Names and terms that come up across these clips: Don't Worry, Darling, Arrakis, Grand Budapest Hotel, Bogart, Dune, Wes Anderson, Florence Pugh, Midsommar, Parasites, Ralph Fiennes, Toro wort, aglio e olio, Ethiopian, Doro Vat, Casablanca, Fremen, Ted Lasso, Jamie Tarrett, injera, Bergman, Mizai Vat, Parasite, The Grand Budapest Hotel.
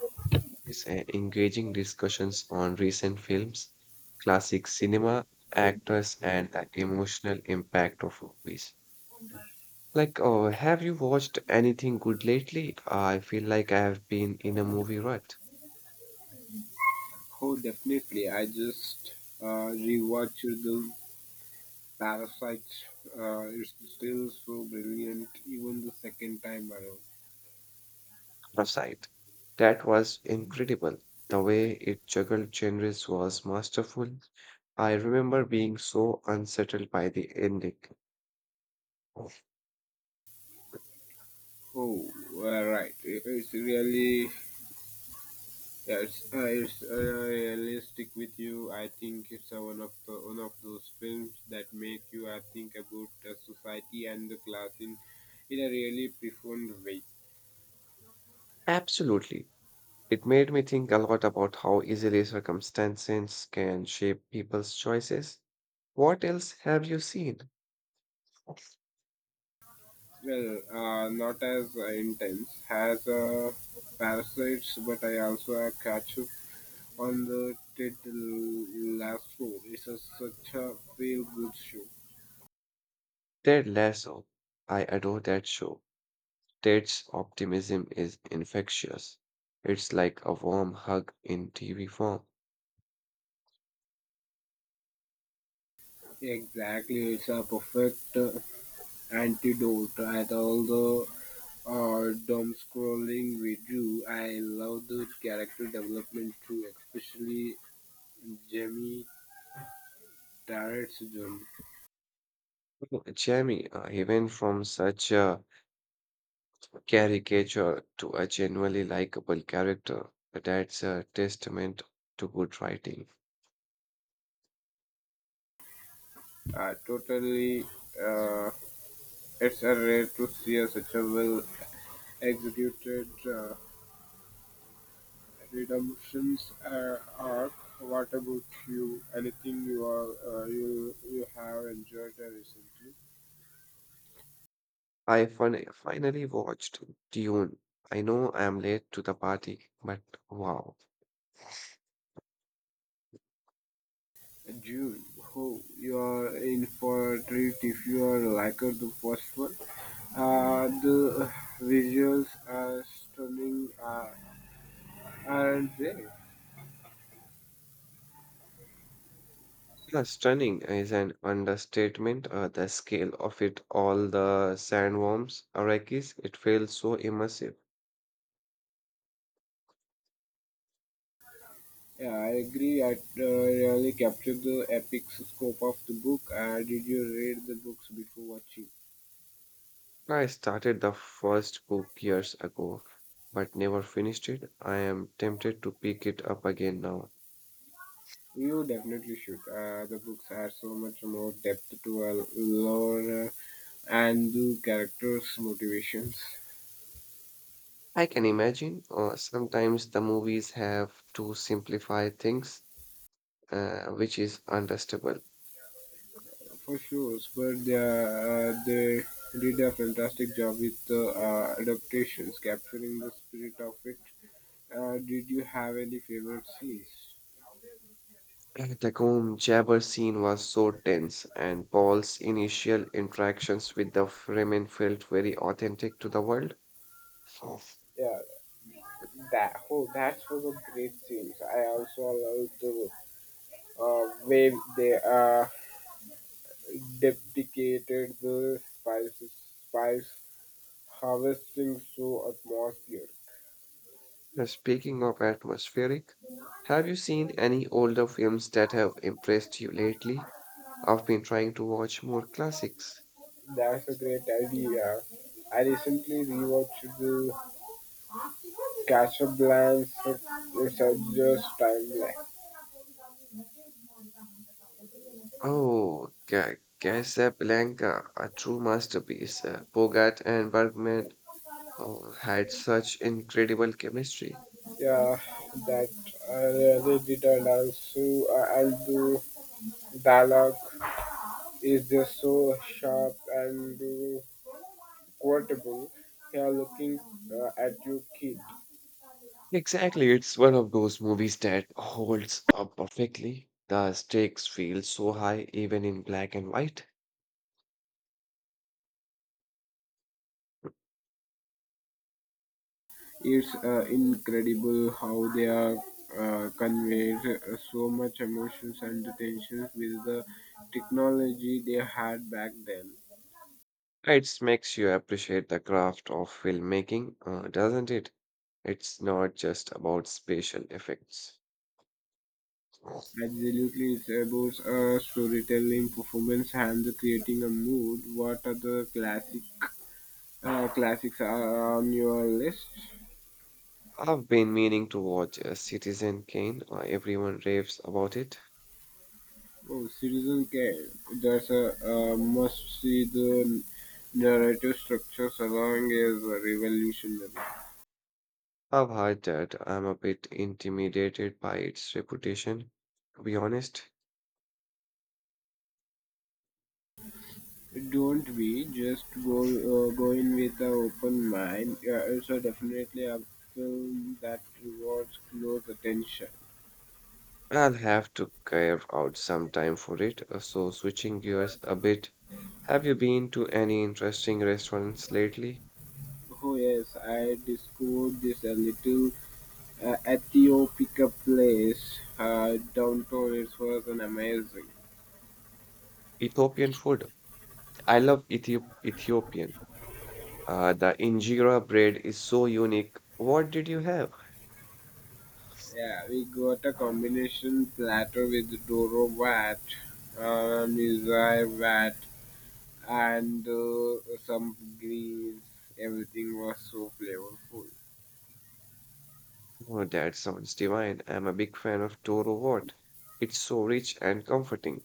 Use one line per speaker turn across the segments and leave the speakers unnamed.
Topic is Engaging discussions on recent films, classic cinema, actors, and the emotional impact of movies. Like, oh, have you watched anything good lately? I feel like I have been in a movie rut.
Oh, definitely. I just rewatched the Parasites. It's still so brilliant, even the second time around.
Parasite. That was incredible. The way it juggled genres was masterful. I remember being so unsettled by the ending.
Oh, right. It's really, yeah, it's really stick with you. I think it's one of the, one of those films that make you think about society and the class in a really profound way.
Absolutely. It made me think a lot about how easily circumstances can shape people's choices. What else have you seen?
Well, not as intense as Parasites, but I also catch up on the title last four. It's a, such a feel good show.
Ted Lasso. I adore that show. Ted's optimism is infectious. It's like a warm hug in TV form.
Exactly, it's a perfect antidote at all the dumb scrolling we do. I love the character development too, especially Jamie Tarrett's journey.
Jamie, he went from such a caricature to a genuinely likable character. That's a testament to good writing.
Totally, uh, it's a rare to see a, such a well executed. Redemptions arc. What about you? Anything you are you have enjoyed recently?
Finally watched Dune. I know I'm late to the party, but wow.
June, oh, you are in for a treat if you are like the first one. The visuals are stunning, aren't they?
Yeah, stunning is an understatement. The scale of it all, the sandworms, Arrakis, it feels so immersive.
Yeah, I agree. I really captured the epic scope of the book. Did you read the books before watching?
I started the first book years ago, but never finished it. I am tempted to pick it up again now.
You definitely should. The books are so much more depth to a lore and the characters' motivations,
I can imagine. Sometimes the movies have to simplify things, which is understandable.
for sure. But they did a fantastic job with the adaptations, capturing the spirit of it. Did you have any favorite scenes?
The Combe Jabber scene was so tense, and Paul's initial interactions with the Fremen felt very authentic to the world. So,
Yeah, that oh, that was a great scene. I also loved the way they depicted the spice harvesting through atmosphere.
Speaking of atmospheric, have you seen any older films that have impressed you lately? I've been trying to watch more classics.
That's a great idea. I recently rewatched the Casablanca Researchers Timeline.
Oh, Casablanca, a true masterpiece. Bogart and Bergman had such incredible chemistry.
Yeah, that I really did, and also I'll do dialogue is just so sharp and quotable here looking at your kid.
Exactly. It's one of those movies that holds up perfectly. The stakes feel so high, even in black and white.
It's incredible how they are conveys so much emotions and tensions with the technology they had back then.
It makes you appreciate the craft of filmmaking, doesn't it? It's not just about special effects.
Absolutely, it's about storytelling, performance, and the creating a mood. What are the classics are on your list?
I've been meaning to watch Citizen Kane. Everyone raves about it.
Oh, Citizen Kane. That's a, must see. The narrative structure along is revolutionary.
I've heard that I'm a bit intimidated by its reputation. To be honest,
Don't be just go go in with an open mind. It's a definitely a film that rewards close attention.
I'll have to carve out some time for it. So, switching gears a bit, have you been to any interesting restaurants lately?
Oh yes, I discovered this a little Ethiopia place downtown. It was an amazing.
Ethiopian food. I love Ethiopian. The injera bread is so unique. What did you have?
Yeah, we got a combination platter with Doro Vat, Mizai Vat, and some greens. Everything was so flavorful.
Oh, that sounds divine. I'm a big fan of Toro wort. It's so rich and comforting.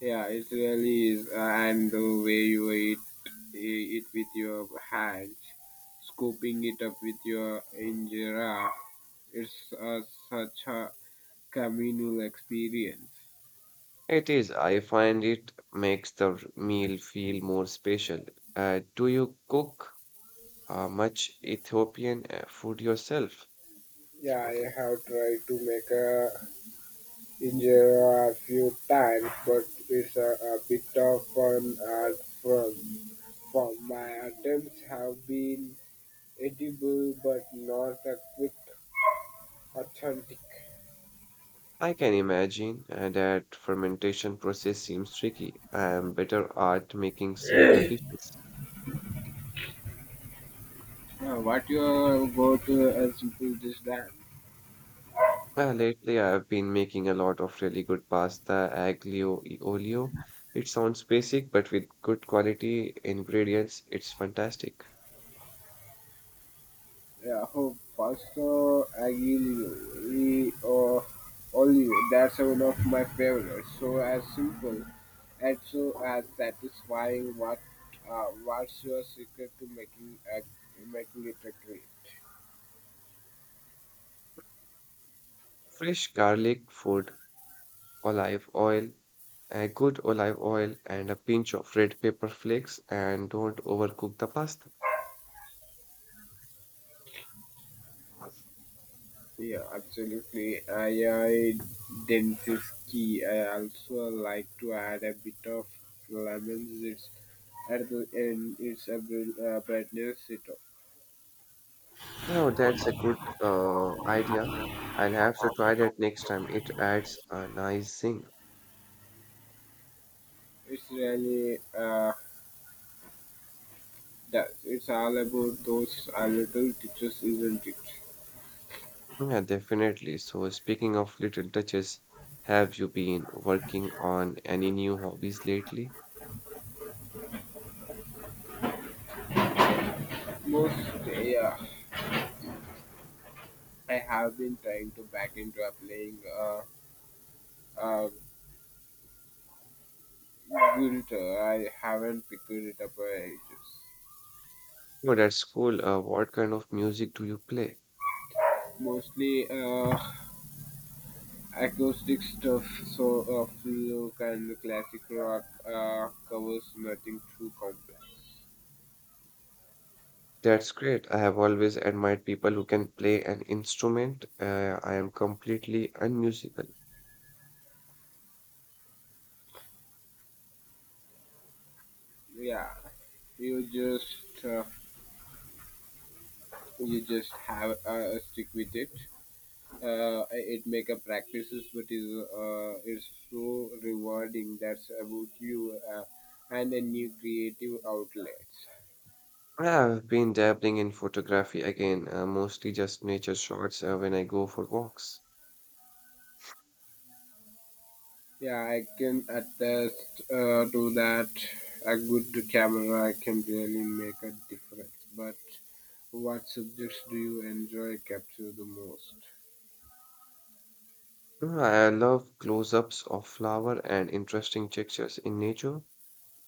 Yeah, it really is. And the way you eat it with your hands, scooping it up with your injera, it's such a communal experience.
It is. I find it makes the meal feel more special. Do you cook much Ethiopian food yourself?
Yeah, I have tried to make a There a few times, but it's a bit of fun art form. From my attempts have been edible, but not a quick authentic.
I can imagine that fermentation process seems tricky. I am better at making simpler dishes.
Yeah, what your go to as simple this that
Lately, I've been making a lot of really good pasta, aglio e olio. It sounds basic, but with good quality ingredients, it's fantastic.
Yeah, oh, Pastor Aguilio, or Olio, that's one of my favorites. So as simple and so as satisfying. What, what's your secret to making a making it a great?
Fresh garlic, food, olive oil, a good olive oil, and a pinch of red pepper flakes, and don't overcook the pasta.
Yeah, absolutely. I dentistry. I also like to add a bit of lemon zest at the end. It's a bit, brightness. It up.
Oh, that's a good idea. I'll have to try that next time. It adds a nice zing.
It's really that it's all about those little teachers, isn't it?
Yeah, definitely. So, speaking of little touches, have you been working on any new hobbies lately?
Most, yeah, I have been trying to back into applying uh, guitar. I haven't picked it up ages.
Oh, that's cool. What kind of music do you play?
Mostly acoustic stuff, so folk and classic rock covers nothing too complex.
That's great. I have always admired people who can play an instrument. I am completely unmusical.
Yeah, you just uh, you just have stick with it. It make a practices but is it's so rewarding that's about you and a new creative outlets
I have been dabbling in photography again, mostly just nature shots when I go for walks.
yeah I can attest to that a good camera can really make a difference but what subjects do you enjoy capture the most
I love close-ups of flower and interesting textures in nature.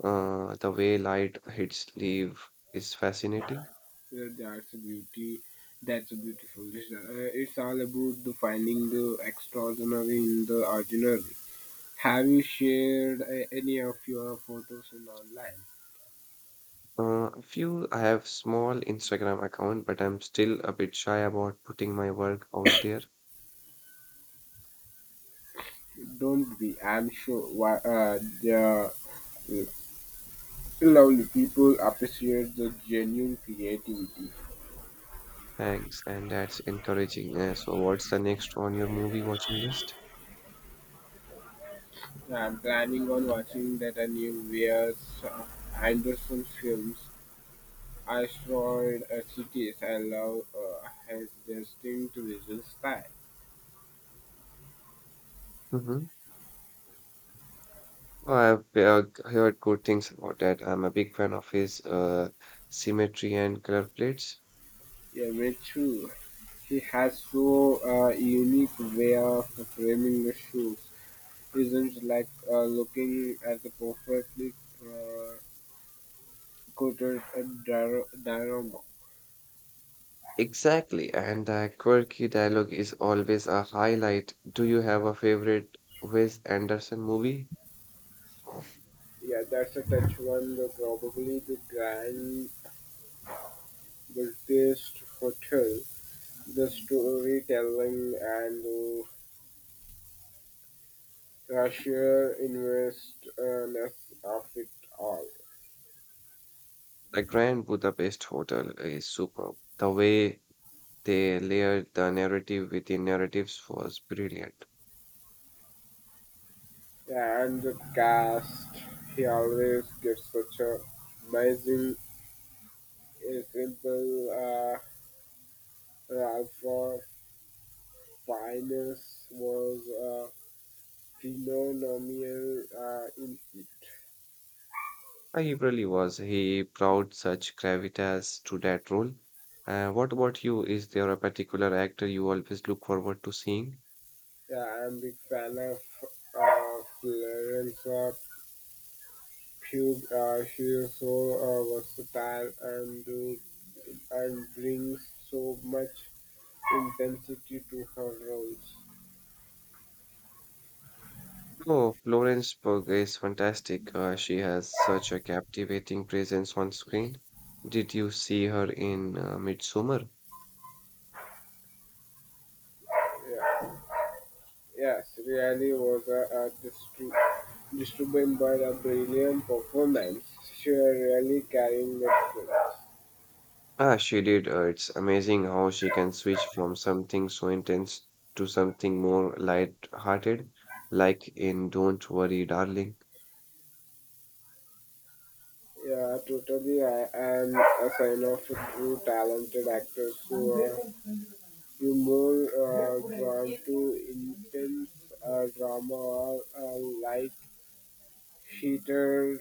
The way light hits leaf is fascinating.
yeah, that's a beautiful This, it's all about the finding the extraordinary in the ordinary. Have you shared any of your photos in online?
A few, I have small Instagram account, but I'm still a bit shy about putting my work out there.
Don't be. I'm sure why, the lovely people appreciate the genuine creativity.
Thanks, and that's encouraging. So, what's the next on your movie watching list?
So, I'm planning on watching that a new Wes Anderson films. I saw it at cities. I love his distinct visual style.
Mm-hmm. I've heard good things about that. I'm a big fan of his symmetry and color plates.
Yeah, me too. He has so unique way of framing the shoes. Isn't like looking at a perfectly uh, coated diorama.
Exactly, and the quirky dialogue is always a highlight. Do you have a favorite Wes Anderson movie?
Yeah, that's a touch one. The, probably the Grand Budapest Hotel, the storytelling, and the Russia investness of it all.
The Grand Budapest Hotel is superb. The way they layered the narrative within narratives was brilliant.
Yeah, and the cast, he always gets such a amazing, a simple. Ralph Fiennes was phenomenal in it.
I really was. He brought such gravitas to that role. What about you? Is there a particular actor you always look forward to seeing?
Yeah, I'm a big fan of Florence Pugh. She is so versatile and do, and brings so much intensity to her roles.
Oh, Florence Pugh is fantastic. She has such a captivating presence on screen. Did you see her in Midsommar?
Yeah. Yes, really was a, disturbing but a brilliant performance. She really carrying the film.
Ah, she did. It's amazing how she can switch from something so intense to something more light-hearted, like in Don't Worry, Darling.
Yeah, totally. I am a sign of true talented actors who are you more drawn to intense drama or light heated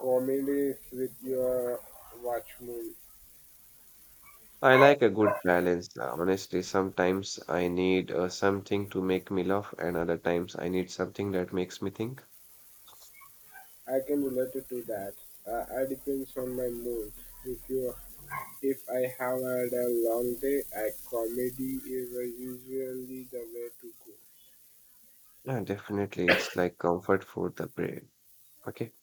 comedies with your watchmen.
I like a good balance. Honestly, sometimes I need something to make me laugh, and other times I need something that makes me think.
I can relate it to that. It depends on my mood. If you if I have had a long day, a comedy is usually the way to go.
Yeah, definitely, it's like comfort for the brain. Okay.